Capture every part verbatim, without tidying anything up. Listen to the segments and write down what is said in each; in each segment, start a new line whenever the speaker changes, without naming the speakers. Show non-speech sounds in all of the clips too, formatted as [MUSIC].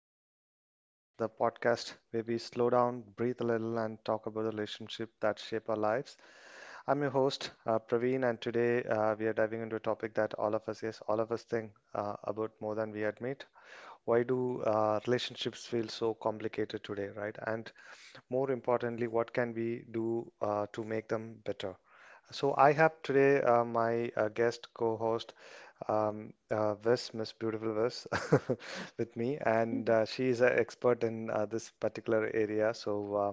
back to the Heart of It, the podcast where we slow down, breathe a little, and talk about the relationship that shape our lives. I'm your host, uh, Praveen, and today uh, we are diving into a topic that all of us, yes, all of us think uh, about more than we admit. Why do uh, relationships feel so complicated today, right? And more importantly, what can we do uh, to make them better? So I have today uh, my uh, guest co-host um, uh, Wes, Miss Beautiful Wes, [LAUGHS] with me, and uh, she is an expert in uh, this particular area. So uh,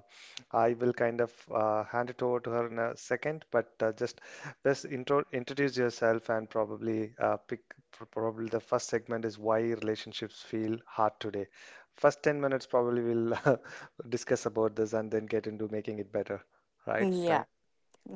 I will kind of uh, hand it over to her in a second, but uh, just Wes, intro introduce yourself and probably uh, pick pr- probably the first segment is why relationships feel hard today. First ten minutes probably we'll [LAUGHS] discuss about this and then get into making it better, right? Thank
Yeah.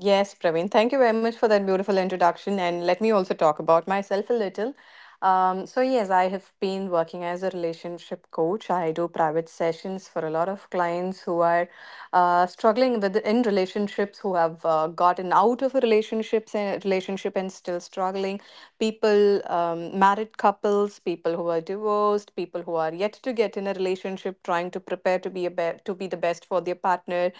Yes, Praveen. Thank you very much for that beautiful introduction. And let me also talk about myself a little. Um, so, yes, I have been working as a relationship coach. I do private sessions for a lot of clients who are uh, struggling with in relationships, who have uh, gotten out of relationships and relationship and still struggling. People, um, married couples, people who are divorced, people who are yet to get in a relationship, trying to prepare to be a be- to be the best for their partner.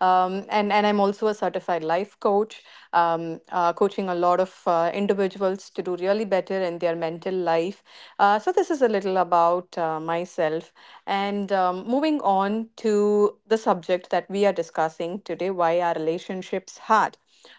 Um, and and I'm also a certified life coach, um, uh, coaching a lot of of uh, individuals to do really better in their mental life. Uh, so, this is a little about uh, myself. And um, Moving on to the subject that we are discussing today, why are relationships hard?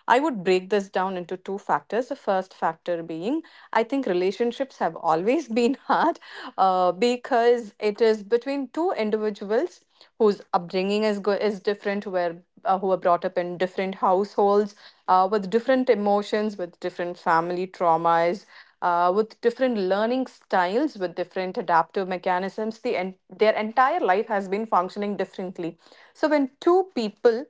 I would break this down into two factors. The first factor being, I think relationships have always been [LAUGHS] hard uh, because it is between two individuals whose upbringing is go- is different, where uh, who were brought up in different households uh, with different emotions, with different family traumas, uh, with different learning styles, with different adaptive mechanisms. The en- their entire life has been functioning differently. So when two people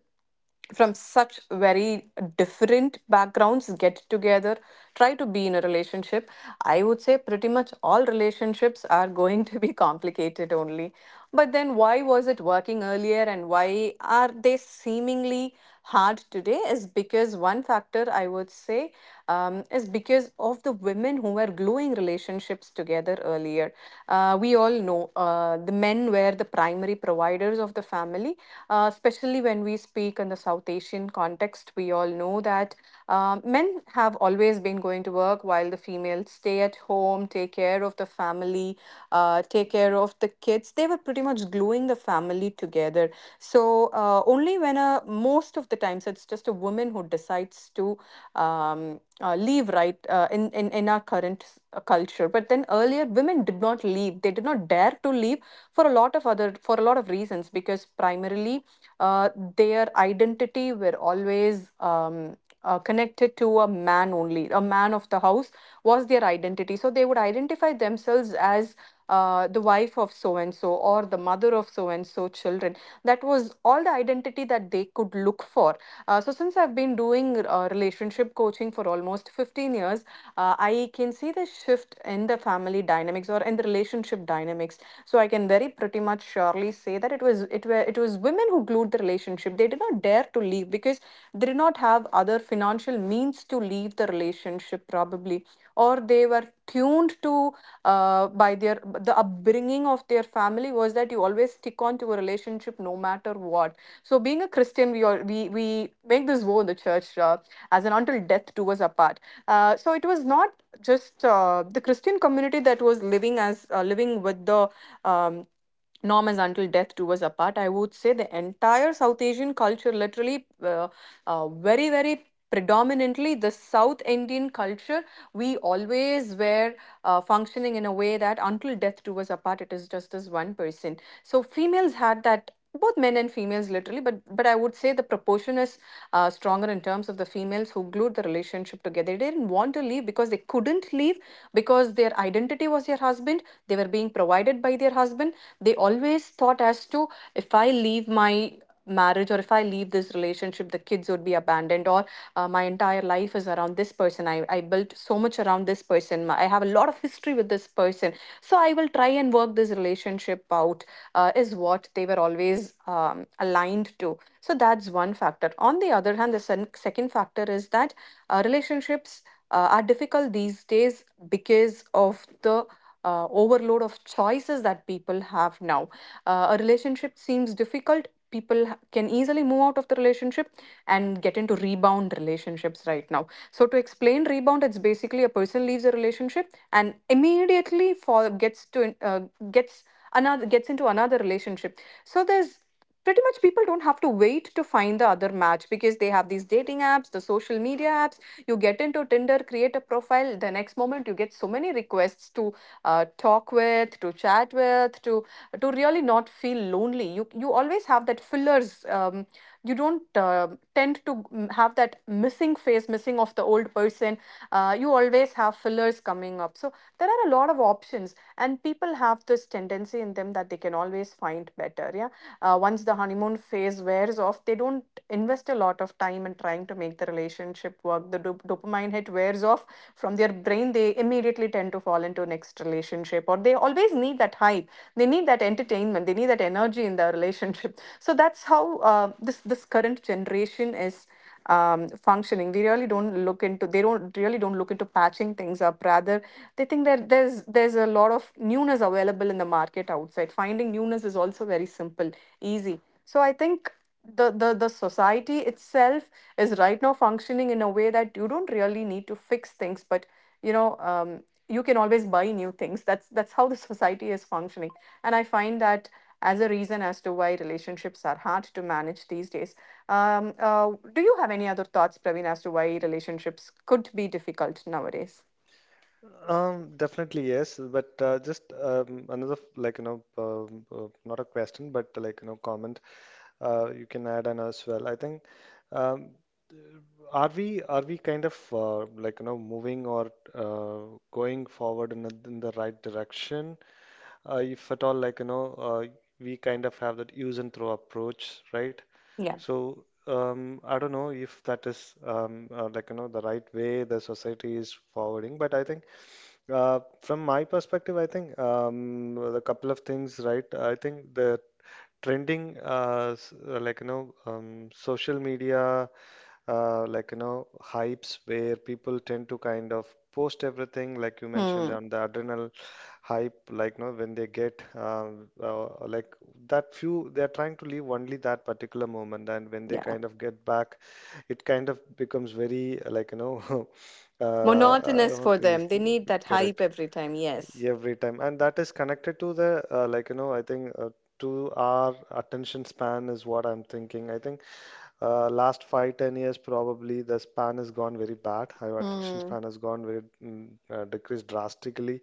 from such very different backgrounds get together try to be in a relationship, I would say pretty much all relationships are going to be [LAUGHS] complicated only. But then why was it working earlier, and why are they seemingly hard today is because one factor I would say um, is because of the women who were gluing relationships together earlier. Uh, we all know uh, the men were the primary providers of the family, uh, especially when we speak in the South Asian context. We all know that um, men have always been going to work while the females stay at home, take care of the family, uh, take care of the kids. They were pretty much gluing the family together. So uh, only when only when a most of the times it's just a woman who decides to um, uh, leave, right? Uh, in, in in our current uh, culture, but then earlier women did not leave; they did not dare to leave for a lot of other for a lot of reasons, because primarily uh, their identity were always Um, uh, connected to a man only, a man of the house was their identity. So they would identify themselves as uh, the wife of so and so, or the mother of so and so children. That was all the identity that they could look for. Uh, so since I've been doing uh, relationship coaching for almost fifteen years, uh, I can see the shift in the family dynamics or in the relationship dynamics. So I can very pretty much surely say that it was it were it was women who glued the relationship. They did not dare to leave because they did not have other financial means to leave the relationship probably, or they were tuned to uh, by their the upbringing of their family was that you always stick on to a relationship no matter what. So being a Christian, we all, we we make this vow in the church. Uh, as an until death do us apart. Uh, so it was not just uh, the Christian community that was living as uh, living with the um, norm as until death do us apart. I would say the entire South Asian culture, literally, uh, uh, very very predominantly the south indian culture, we always were uh, functioning in a way that until death do us apart, it is just this one person. So females had that, both men and females literally, but but I would say the proportion is uh, stronger in terms of the females who glued the relationship together. They didn't want to leave because they couldn't leave, because their identity was their husband. They were being provided by their husband. They always thought as to, if I leave my marriage or if I leave this relationship, the kids would be abandoned, or uh, my entire life is around this person. I, I built so much around this person. I have a lot of history with this person, so I will try and work this relationship out uh, is what they were always um, aligned to. So that's one factor. On the other hand, the sen- second factor is that uh, relationships uh, are difficult these days because of the uh, overload of choices that people have now. Uh, a relationship seems difficult. People can easily move out of the relationship and get into rebound relationships right now. So, to explain rebound, it's basically a person leaves a relationship and immediately fall, gets to uh, gets another gets into another relationship. So there's Pretty much people don't have to wait to find the other match because they have these dating apps, the social media apps. You get into tinder, create a profile, the next moment you get so many requests to uh, talk with, to chat with, to to really not feel lonely. You you always have that fillers. Um, you don't uh, tend to mm, have that missing face, missing of the old person. Uh, you always have fillers coming up. So there are a lot of options, and people have this tendency in them that they can always find better. Yeah, uh, once the honeymoon phase wears off, they don't invest a lot of time in trying to make the relationship work. The dop- dopamine hit wears off from their brain. They immediately, they tend to fall into next relationship, or they always need that hype. They need that entertainment, they need that energy in their relationship, [LAUGHS] so that's how uh, this this current generation is um, functioning. We really don't look into they don't really don't look into patching things up. Rather, they think that there's there's a lot of newness available in the market outside. Finding newness is also very simple, easy. So I think the, the the society itself is right now functioning in a way that you don't really need to fix things, but you know, um, you can always buy new things. That's that's how the [LAUGHS] society is functioning, and I find that as a reason as to why relationships are hard to manage these days. Um, uh, do you have any other thoughts, Praveen, as to why relationships could be difficult nowadays?
Um, definitely yes, but uh, just um, another f- like you know um, uh, not a question but like you know comment uh, you can add on as well. I think um, are we are we kind of uh, like you know moving or uh, going forward in, a, in the right direction? Uh, if at all like you know uh, we kind of have that use and throw approach, right?
Yeah.
So um, I don't know if that is um, uh, like you know the right way the society is forwarding, but I think. Uh, from my perspective, I think um, a couple of things, right? I think the trending, uh, s- uh, like you know, um, social media, uh, like you know, hypes where people tend to kind of post everything, like you mentioned
Hmm.
on the adrenal hype, like you know, when they get um, uh, like that few, they're trying to live only that particular moment, and when they
Yeah.
kind of get back, it kind of becomes very uh, like you know. [LAUGHS] Uh,
Monotonous
uh,
for
is-
them. They need that hype
Correct.
every time. Yes.
Every time, and that is connected to the uh, like you know I think uh, to our attention span is what I'm thinking. I think uh, last five ten years probably the span has gone very bad. Our attention
Hmm.
span has gone very mm, uh, decreased drastically.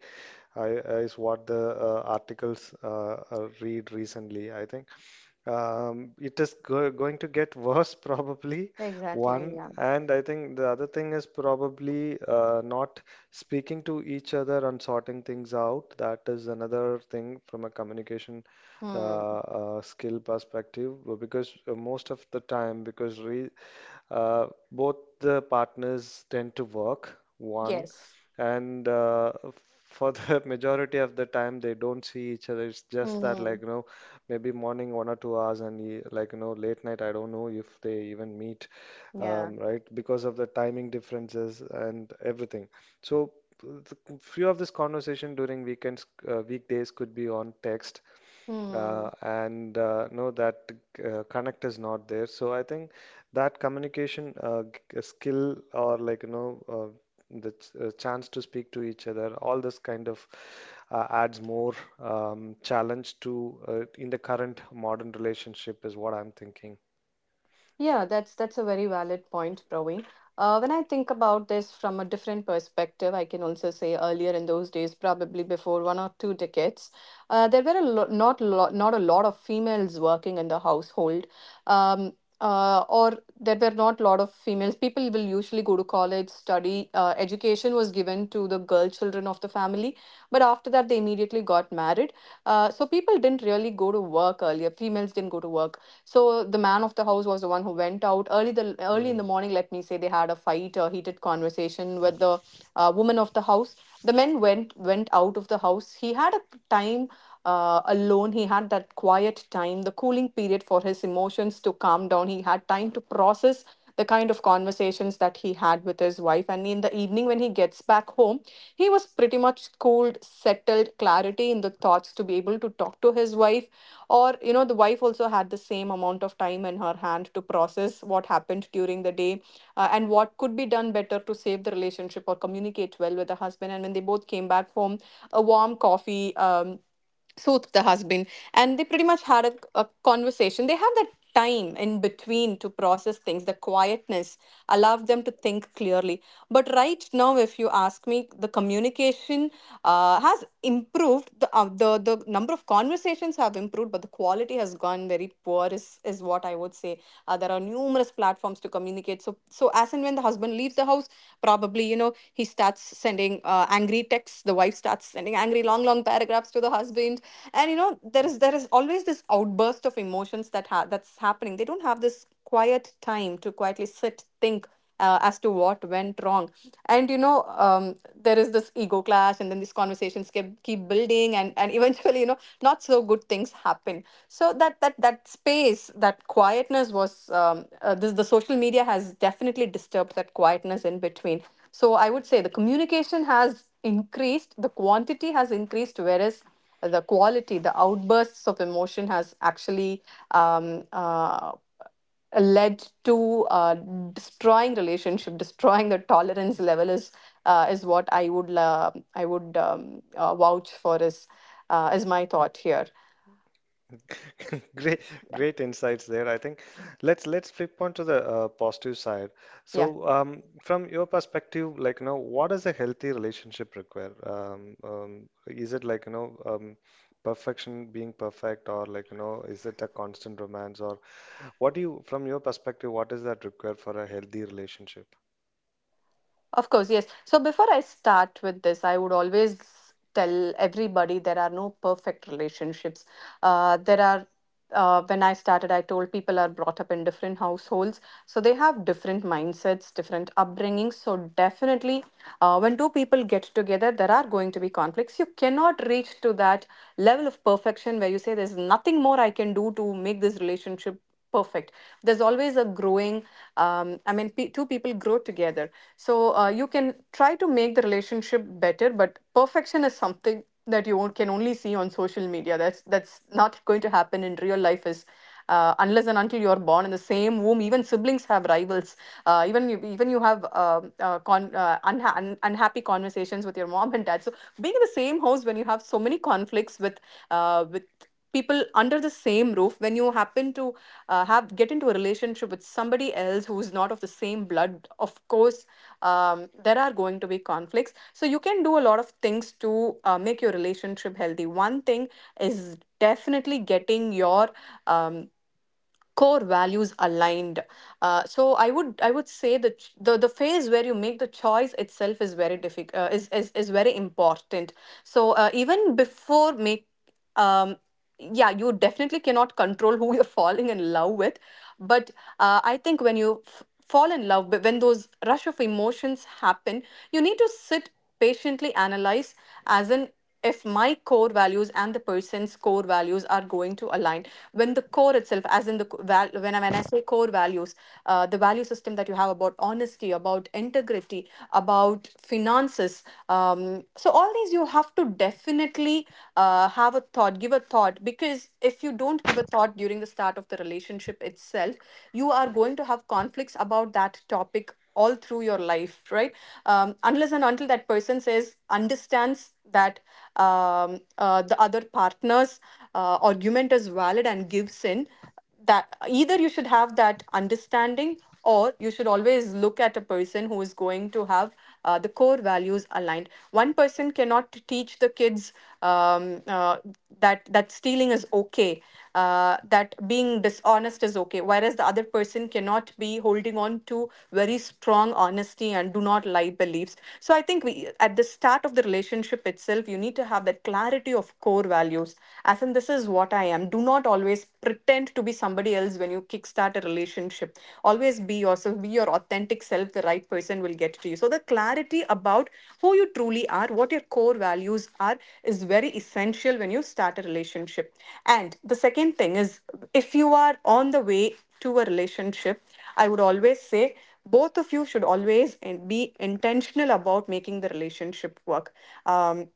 I, uh, is what the uh, articles uh, uh, read recently. I think um, it is go going to get worse, [LAUGHS] probably,
exactly
one.
yeah
And I think the other thing is probably uh, not speaking to each other and sorting things out. That is another thing from a communication uh,
Hmm.
uh, skill perspective, uh, because uh, most of the time, because re uh, both the partners tend to work, one,
Yes.
and uh, for the [LAUGHS] majority of the time they don't see each other. It's just that
Hmm.
like you know, maybe morning one or two hours, and e- like you know, late night. I don't know if they even meet,
Yeah.
um, right? Because of the timing differences and everything. So the few of this conversation during weekends, uh, weekdays could be on text uh,
Hmm.
and uh, know that uh, connect is not there. So I think that communication uh, g- skill or like you know uh, the ch- uh, chance to speak to each other all this kind of uh, adds more um, challenge to uh, in the current modern relationship is what I'm thinking.
Yeah, that's that's a very valid point, Praveen. Uh, when I think about this from a different perspective, I can also say earlier in those days, probably before one or two decades, uh, there were a lo not lo not a lot of females working in the household, um, uh, or there were not a lot of females. People will usually go to college, study. Uh, education was given to the girl children of the family, but after that, they immediately got married. Uh, so people didn't really go to work earlier. Females didn't go to work, so the man of the house was the one who went out early. The early in
Hmm.
the morning, let me say, they had a fight, a heated conversation with the uh, woman of the house. The men went went out of the house. He had a time uh, alone. He had that quiet time, the cooling period for his emotions to calm down. He had time to process the kind of conversations that he had with his wife. And in the evening, when he gets back home, he was pretty much cooled, settled, clarity in the thoughts to be able to talk to his wife, or you know, the wife also had the same amount of time in her hand to process what happened during the day, uh, and what could be done better to save the relationship or communicate well with the husband. And when they both came back home, a warm coffee um, soothed the husband, and they pretty much had a, a conversation. They had that time in between to process things. The quietness allowed them to think clearly. But right now, if you ask me, the communication uh, has improved. The, uh, the the number of conversations have improved, but the quality has gone very poor. Is is what I would say. Uh, there are numerous platforms to communicate. So so as and when the husband leaves the house, probably you know, he starts sending uh, angry texts. The wife starts sending angry long long paragraphs to the husband, and you know, there is there is always this outburst of emotions that ha- that's happening. They don't have this quiet time to quietly sit, think uh, as to what went wrong. And you know, um, there is this ego clash, and then these conversations keep keep building, and and eventually, you know, not so good things happen. So that that that space, that quietness was um, uh, this. The social media has definitely disturbed that quietness in between. So I would say the communication has increased, the quantity has increased, whereas the quality, the outbursts of emotion has actually um, uh, led to uh, destroying relationship, destroying the tolerance level is uh, is what I would uh, I would um, uh, vouch for is uh, is my thought here.
[LAUGHS] Great,
Yeah,
great insights there. I think let's let's flip on to the uh, positive side.
yeah.
So, um, from your perspective, like you know, what does a healthy relationship require? Um, um, is it like you know, um, perfection being perfect, or like you know, is it a constant romance, or what do you, from your perspective, what does that require for a healthy relationship?
Of course, yes. So before I start with this, I would always tell everybody there are no perfect relationships. Uh, there are uh, when I started, I told people are brought up in different households, so they have different mindsets, different upbringings. So definitely, uh, when two people get together, there are going to be conflicts. You cannot reach to that level of perfection where you say there's nothing more I can do to make this relationship perfect. There's always a growing, um, I mean, pe two people grow together. So uh, you can try to make the relationship better, but perfection is something that you on- can only see on social media. That's that's not going to happen in real life is uh, unless and until you're born in the same womb. Even siblings have rivals. Uh, even you, even you have um uh, con uh, unha un unhappy conversations with your mom and dad. So being in the same house when you have so many conflicts with uh, with people under the same roof, when you happen to uh, have get into a relationship with somebody else who's not of the same blood, of course um, there are going to be conflicts. So you can do a lot of things to uh, make your relationship healthy. One thing is definitely getting your um, core values aligned. Uh, so i would i would say that ch- the the phase where you make the choice itself is very difficult, uh, is, is is very important. So uh, even before make um, yeah, you definitely cannot control [LAUGHS] who you're falling in love with. But uh, I think when you f- fall in love, but when those rush of emotions happen, you need to sit patiently, analyze, as in, if my core values and the person's core values are going to align. When the core itself, as in the co- val- when I, when I say core values, uh, the value system that you have about honesty, about integrity, about finances, um, so all these you have to definitely uh, have a thought give a thought, because if you don't give a thought during the start of the relationship itself, you are going to have conflicts about that topic all through your life, right? um, unless and until that person says understands that um, uh, the other partner's uh, argument is valid and gives in, that either you should have that understanding, or you should always look at a person who is going to have uh, the core values aligned. One person cannot teach the kids um, uh, that that stealing is okay, uh, that being dishonest is okay, whereas the other person cannot be holding on to very strong honesty and do not lie beliefs. So I think we at the start of the relationship itself, you need to have that clarity of core values. As in, this is what I am. Do not always pretend to be somebody somebody else when you kickstart a relationship. Always be yourself, be your authentic self. The right person will get to you. So, the clarity about who you truly are, what your core values are, is very essential when you start a relationship. And the second thing is, if you are on the way to a relationship, I would always say both of you should always and be intentional about making the relationship work. Um,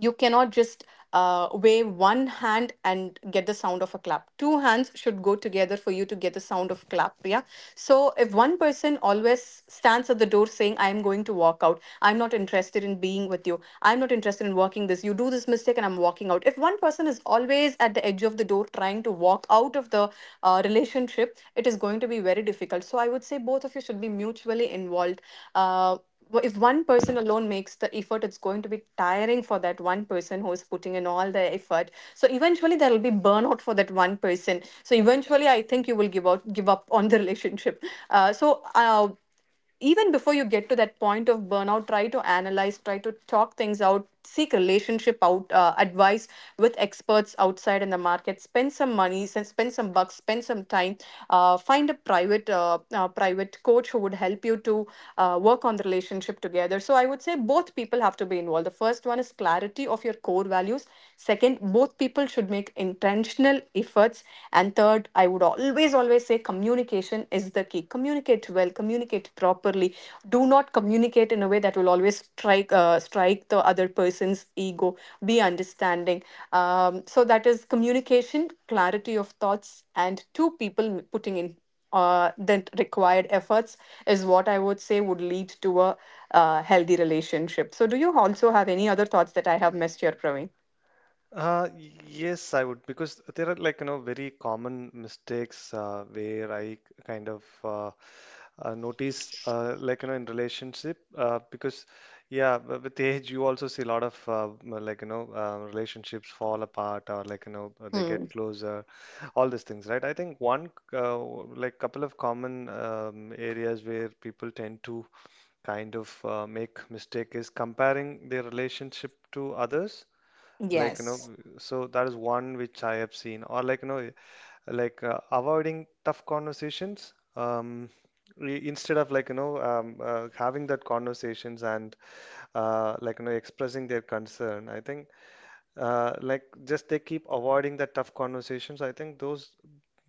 you cannot just uh, wave one hand and get the sound of a clap. Two hands should go together for you to get the sound of clap. Yeah. So if one person always stands at the door saying, I am going to walk out, I'm not interested in being with you, I'm not interested in working this, you do this mistake and I'm walking out. If one person is always at the edge of the door trying to walk out of the uh, relationship, it is going to be very difficult. So I would say both of you should be mutually involved. Uh, w- if one person alone makes the effort, it's going to be tiring for that one person who is putting in all the effort. So eventually there will be burnout for that one person, so eventually I think you will give out give up on the [LAUGHS] relationship. uh, so uh, even before you get to that point of burnout, try to analyze, try to talk things out, seek relationship out uh, advice with experts outside in the market. Spend some money, sen- spend some bucks, spend some time, uh, find a private uh, uh, private coach who would help you to uh, work on the relationship together. So I would say both people people have to be involved. The first one is clarity of your core values. Second, both people should make intentional efforts. And third, I would always, always say communication is the key. Communicate well, communicate properly. Do not communicate in a way that will always strike, uh, strike the other person's ego. Be understanding. Um, so that is communication, clarity of thoughts, and two people putting in uh, the required efforts is what I would say would lead to a uh, healthy relationship. So, do you also have any other thoughts that I have missed here, Praveen?
Uh, y- yes, I would because there are like you know very common mistakes uh, where I k- kind of uh, uh, notice uh, like you know in relationship uh, because yeah w- with age you also see a lot of uh, m- like you know uh, relationships fall apart or like you know uh, they
Hmm.
get closer all these things right. I think one c- uh, w- like couple of common um, areas where people tend to kind of uh, make mistake is comparing their relationship to others, like you know
Yes.
so that is one which I have seen or like you know like uh, avoiding tough conversations, um i- instead of like you know um, uh, having that conversations and uh, like you know expressing their concern. I think uh, like just they keep avoiding the tough conversations. I think those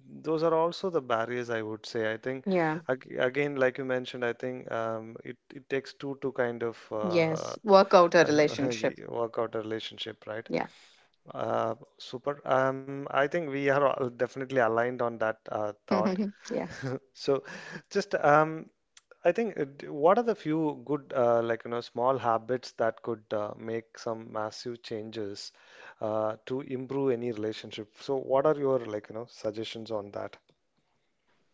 those are also the barriers, I would say. I think
Yeah.
ag again like you mentioned, I think um, it, it takes two to kind of uh,
Yes. Work out a
[LAUGHS]
relationship.
work out a relationship, right?
Yeah.
uh, super. Um, I think we are all definitely aligned on that uh, thought.
[LAUGHS] yeah.
[LAUGHS] So, just um, I think uh, d- what are the few good uh, like you know small habits that could uh, make some massive changes uh, to improve any relationship? So, what are your like you know suggestions on that?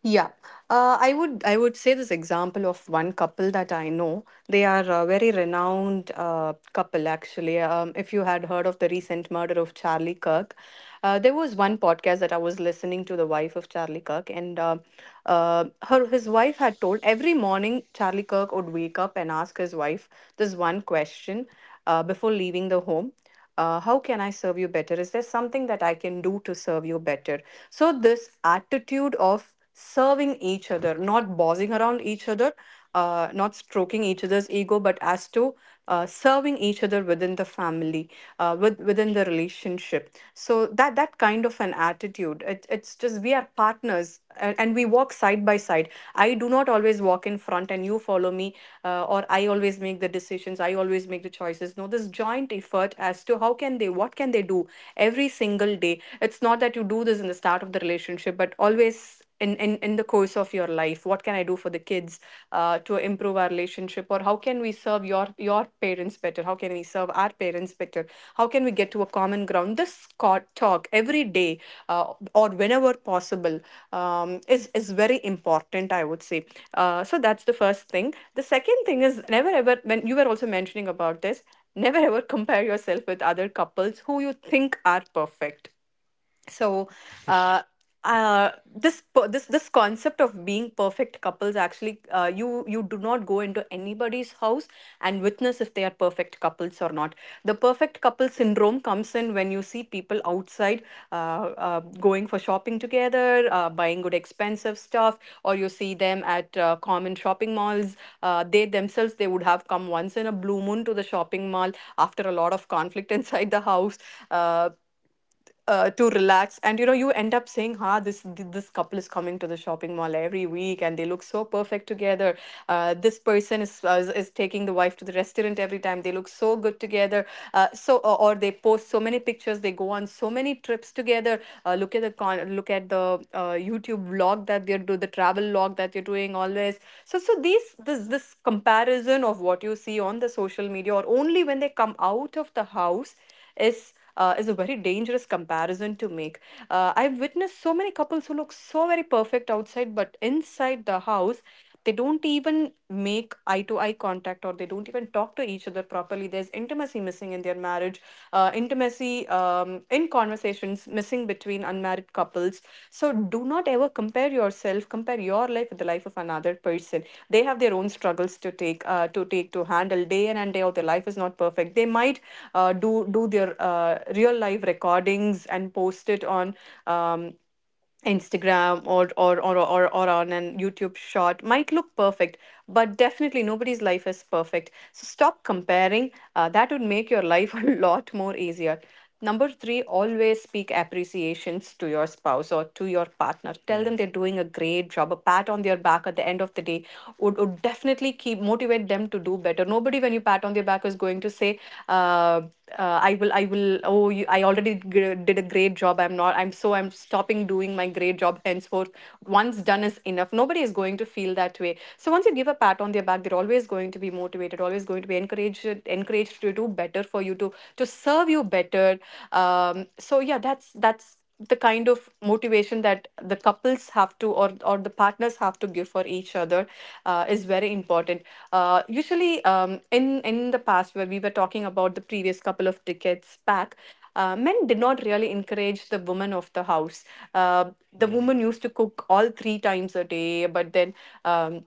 Yeah, uh, I would I would say this example of one couple that I know. They are a very renowned uh, couple actually. Um, if you had heard of the recent murder of Charlie Kirk, uh, there was one podcast that I was listening to, the wife of Charlie Kirk, and uh, uh, her his wife had told every morning Charlie Kirk would wake up and ask his wife this one question uh, before leaving the home. uh, how can I serve you better? Is there something that I can do to serve you better? So this attitude of serving each other, not bossing around each other, uh, not stroking each other's ego, but as to uh, serving each other within the family, uh, with, within the relationship. So that that kind of an attitude, it, it's just, we are partners a- and we walk side by side. I do not always walk in front and you follow me, uh, or I always make the decisions, I always make the choices. No, this joint effort as to how can they, what can they do every single day. It's not that you do this in the start of the relationship, but always in, in, in the course of your life, what can I do for the kids uh, to improve our relationship? Or how can we serve your your parents better? How can we serve our parents better? How can we get to a common ground? This talk every day uh, or whenever possible um, is, is very important, I would say. Uh, so that's the first thing. The second thing is, never ever, when you were also mentioning about this, never ever compare yourself with other couples who you think are perfect. So uh, uh, this per- this this concept of being perfect couples, actually uh, you you do not go into anybody's house and witness if they are perfect couples or not. The perfect couple syndrome comes in when you see people outside uh, uh, going for shopping together, uh, buying good expensive stuff, or you see them at uh, common shopping malls. uh, they themselves they would have come once in a blue moon to the shopping mall after a lot of conflict [LAUGHS] inside the house. Uh, uh, to relax, and you know, you end up saying, ha, this th- this couple is coming to the shopping mall every week and they look so perfect together. uh, this person is, uh, is is taking the wife to the restaurant every time, they look so good together. uh, so or, or they post so many pictures, they go on so many trips together. uh, look at the con- look at the uh, YouTube vlog that they're do the travel vlog that they're doing always. So so these, this this comparison of what you see on the social media, or only when they come out of the house, is uh, is a very dangerous comparison to make. Uh, I've witnessed so many couples who look so very perfect outside, but inside the house, they don't even make eye to eye contact or they don't even talk to each other properly. There's intimacy missing in their marriage, uh, intimacy um, in conversation conversations missing between unmarried couples. So do not ever compare yourself, compare your life with the life of another person. They have their own struggles to take, uh, to take, to handle day in and day out. Their life is not perfect. They might uh, do do their uh, real life recordings and post it on. Um, Instagram or or or or, or on an YouTube shot might look perfect, but definitely nobody's life is perfect. So stop comparing. Uh, that would make your life [LAUGHS] a lot more easier. Number three, always speak appreciations to your spouse or to your partner. Tell
Hmm,
them they're doing a great job. A pat on their back at the end of the day would, would definitely keep motivate them to do better. Nobody, when you pat on their back, is going to say, uh, uh, "I will, I will." Oh, you, I already gr- did a great job, great job. I'm not, i'm so I'm stopping doing my great job henceforth, once done is enough. Nobody is going to feel that way. So once you give a pat on their back, they're always going to be motivated, always going to be encouraged encouraged to do better for you, to to serve you better. Um so yeah, that's that's the kind of motivation that the couples have to, or or the partners have to give for each other, uh, is very important. Uh, usually, um, in in the past, where we were talking about the previous couple of decades back, uh, men did not really encourage the women of the house. Uh, the
hmm.
woman used to cook all three times a day, but then, um,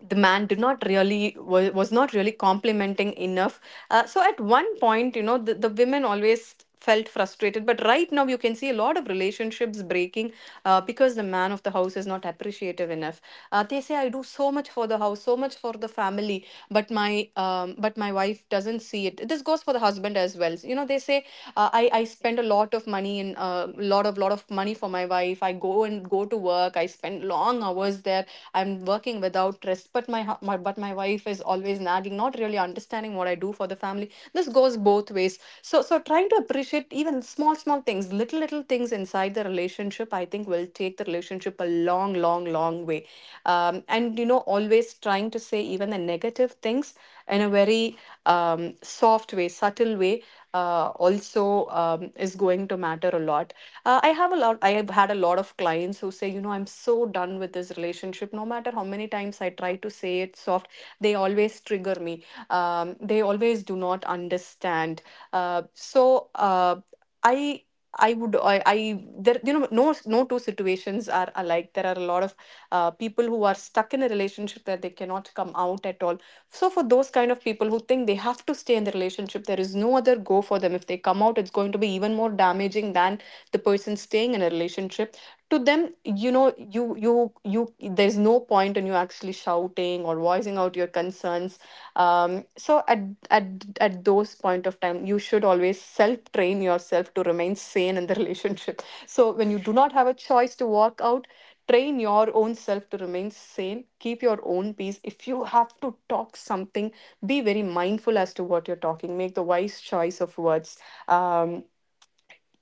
the man did not really, was, was not really complimenting enough. Uh, so at one point, you know, the, the women always felt frustrated, but right now you can see a lot of relationships breaking, uh, because the man of the house is not appreciative enough. Uh, they say, I do so much for the house, so much for the family, but my um, but my wife doesn't see it. This this goes for the husband as well. You know, they say, uh, i i spend a lot of money and a uh, lot of lot of money for my wife. I go and go to work, I spend long hours there, I'm working without rest, but my, my but my wife is always nagging, not really understanding what I do for the family. This goes both ways. So so trying to appreciate even small small things, little little things inside the relationship, I think will take the relationship a long long long way. Um, and you know, always trying to say even the negative things in a very um, soft way, subtle way, uh, also um, is going to matter a lot. Uh, I have a lot. I have had a lot of clients who say, you know, I'm so done with this relationship. No matter how many times I try to say it soft, they always trigger me. Um, they always do not understand. Uh, so uh, I. I would I, I, there you know, no no two situations are alike. There are a lot of uh, people who are stuck in a relationship that they cannot come out at all. So, for those kind of people who think they have to stay in the relationship, there is no other go for them. If they come out, it's going to be even more damaging than the person staying in a relationship. To them, you know, you you you. There's no point in you actually shouting or voicing out your concerns. Um, so at at at those point of time, you should always self train yourself to remain sane in the [LAUGHS] relationship. So, when you do not have a choice to walk out, train your own self to remain sane, keep your own peace. If you have to talk something, be very mindful as to what you're talking, make the wise choice of words. Um,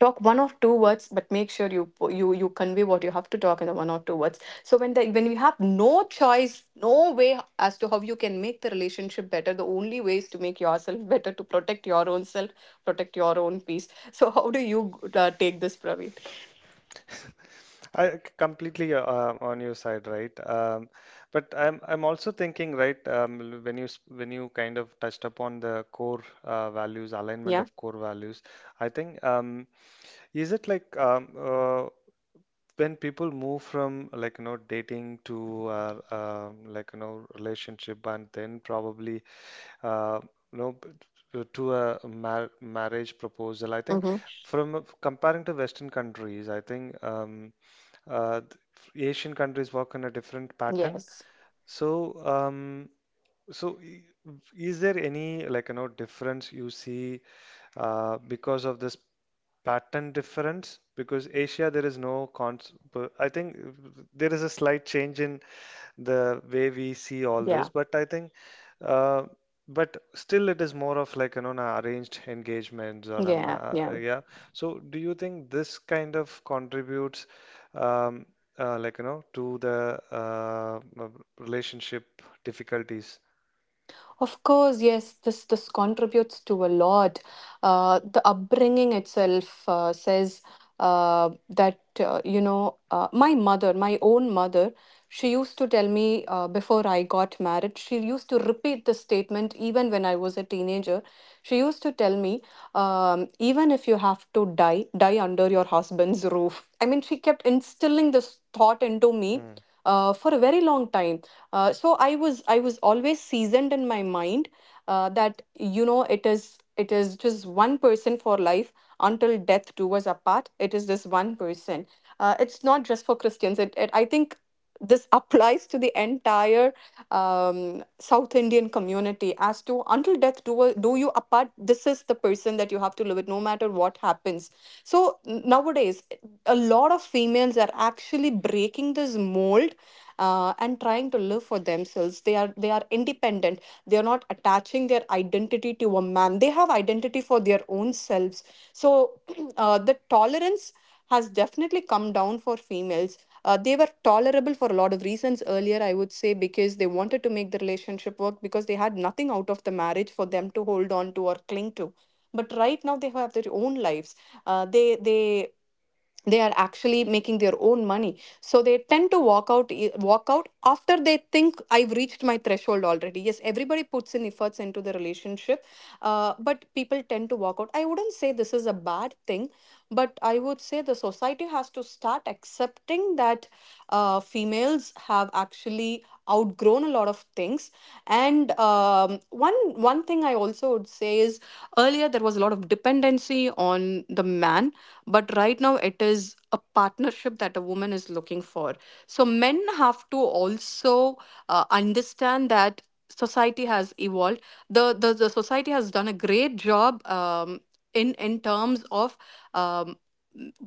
Talk one or two words, but make sure you you you convey what you have to talk in the one or two words. So when the when you have no choice, no way as to how you can make the relationship better, the only way is to make yourself [LAUGHS] better, to protect your own self, protect your own peace. So how do you uh, take this, Praveen?
I c- completely uh, uh, on your side, right? Um, but I'm I'm also thinking, right? Um, when you s- when you kind of touched upon the core uh, values, alignment
Yeah.
of core values, I think um, is it like um, uh, when people move from like you know dating to uh, um like you know relationship and then probably uh, you know b- t- to a mar marriage proposal. I think,
Mhm.
from a- comparing to Western countries, I think. Um, uh, th- Asian countries work on a different pattern.
Yes.
So, um, so i- is there any like you know difference you see uh, because of this pattern difference? Because Asia there is no cons. But I think there is a slight change in the way we see all this.
Yeah.
But I think, uh, but still, it is more of like you know, na- arranged engagements or a
Yeah.
ma
Yeah.
yeah. So, do you think this kind of contributes, um, uh, like you know, to the uh, uh, relationship difficulties?
Of course, yes, this this contributes to a lot. Uh, the upbringing itself uh, says uh, that uh, you know, uh, my mother, my own mother, she used to tell me uh, before I got married. She used to repeat this statement even when I was a teenager. She used to tell me, um, even if you have to die, die under your husband's roof. I mean, she kept instilling this thought into me
Hmm.
uh, for a very long time. Uh, so I was, I was always seasoned in my mind uh, that you know, it is, it is just one person for life, until death do us apart. It is this one person. Uh, it's not just for Christians. It, it I think this [LAUGHS] applies to the entire um, South Indian community as to until death do us- do you apart. This is the person that you have to live with, no matter what happens. So nowadays, a lot of females are actually breaking this mold, uh, and trying to live for themselves. They are, they are independent, they are not attaching their identity to a man, they have identity for their own selves. So [CLEARS THROAT] uh, the tolerance has definitely come down for females. Uh, they were tolerable for a lot of reasons earlier, I would say, because they wanted to make the relationship work, because they had nothing out of the marriage for them to hold on to or cling to. But right now they have their own lives. uh, they they they are actually making their own money, so they tend to walk out, eh, walk out after they think, I've reached my threshold already. Yes, everybody puts in efforts into the relationship, uh, but people tend to walk out. I wouldn't say this is a bad thing, but I would say the society has to start accepting that, uh, females have actually outgrown a lot of things. And um, one one thing I also would say is, earlier there was a lot of dependency on the man, but right now it is a partnership that a woman is looking for. So men have to also uh, understand that society has evolved. The, the the society has done a great job, um, in in terms of um,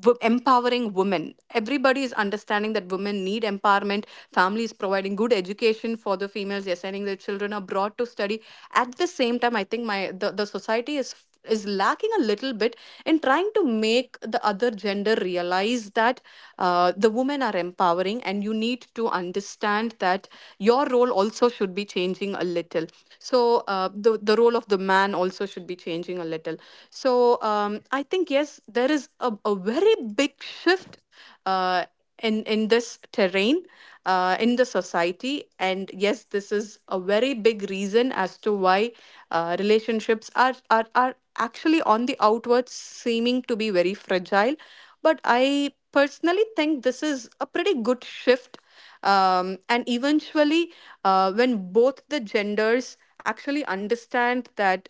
w- empowering women. Everybody is understanding that women need empowerment. Families providing good education for the females, they're sending their children abroad to study. At the same time, I think my, the, the society is is lacking a little bit, and trying to make the other gender realize that, uh, the women are empowering, and you need to understand that your role also should be changing a little. So uh, the, the role of the man also should be changing a little. So um, I think yes, there is a, a very big shift, uh, in in this terrain, uh, in the society. And yes, this is a very big reason as to why uh, relationships are, are are actually, on the outward, seeming to be very fragile. But I personally think this is a pretty good shift. Um, and eventually, uh, when both the genders actually understand that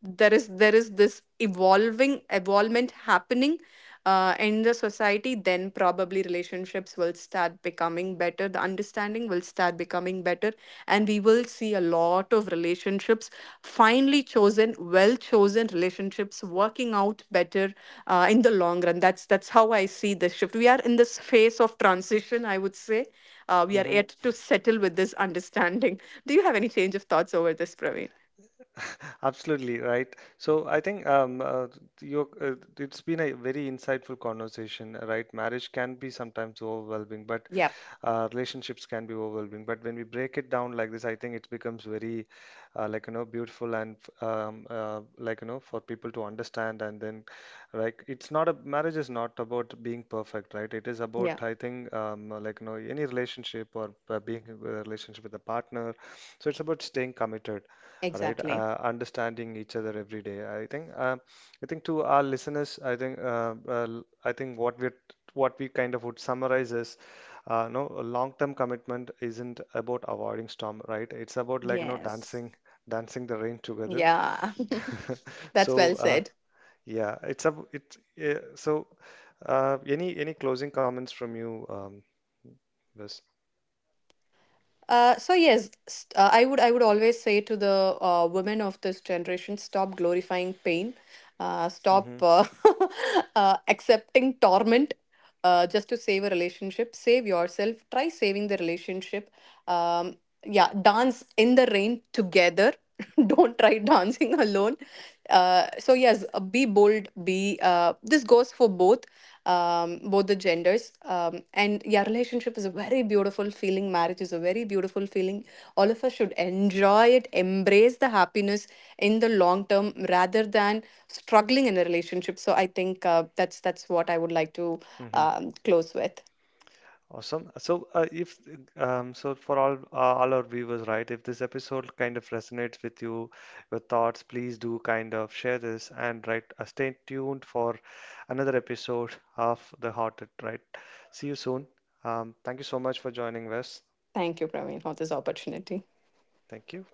there is, there is this evolving evolvement happening, uh, in the society, then probably relationships will start becoming better, the understanding will start becoming better, and we will see a lot of relationships, finely chosen, well chosen relationships working out better, uh, in the long run. that's that's how I see this shift. We are in this phase of transition, I would say, uh, we are
Hmm.
yet to settle with this [LAUGHS] understanding. Do you have any change of thoughts over this, Praveen?
Absolutely right. So I think um, uh, you, uh, it's been a very insightful conversation, right? Marriage can be sometimes overwhelming, but
Yeah.
uh, relationships can be overwhelming. But when we break it down like this, I think it becomes very uh, like you know beautiful and um, uh, like you know for people to understand. And then like it's not a marriage is not about being perfect, right? It is
Yeah.
about, I think, um, like you know any relationship or uh, being in a relationship with a partner. So it's about staying committed. Right,
Exactly.
uh, understanding each other every day. I think um, I think to our listeners, I think uh, uh, I think what we what we kind of would summarize is uh, no, long-term commitment isn't about avoiding storm, right? It's about like you know
Yes.
dancing, dancing the rain together.
Yeah.
[LAUGHS]
[LAUGHS] That's
So
well
uh,
said.
yeah, it's a it's yeah, so uh, any any closing comments from you, um, Wes?
Uh, so yes, st- uh, I would, I would always say to the uh, women of this generation, stop glorifying pain, uh, stop
Mm-hmm.
uh, [LAUGHS] uh, accepting torment. Uh, just to save a relationship, save yourself. Try saving the relationship. Um, yeah, dance in the rain together. [LAUGHS] Don't try dancing [LAUGHS] alone. Uh, so yes, uh, be bold. Be uh, This goes for both, um, both the genders. Um, and yeah, relationship is a very beautiful feeling. Marriage is a very beautiful feeling. All of us should enjoy it, embrace the happiness in the long term rather than struggling in a relationship. So I think uh, that's that's what I would like to
Mm-hmm.
um, close with.
Awesome. So, uh, if um, so, for all uh, all our viewers, right? If this episode kind of resonates with you, your thoughts, please do kind of share this and right. Uh, stay tuned for another episode of The Haunted, right? See you soon. Um, thank you so much for joining us.
Thank you, Praveen, for this opportunity.
Thank you.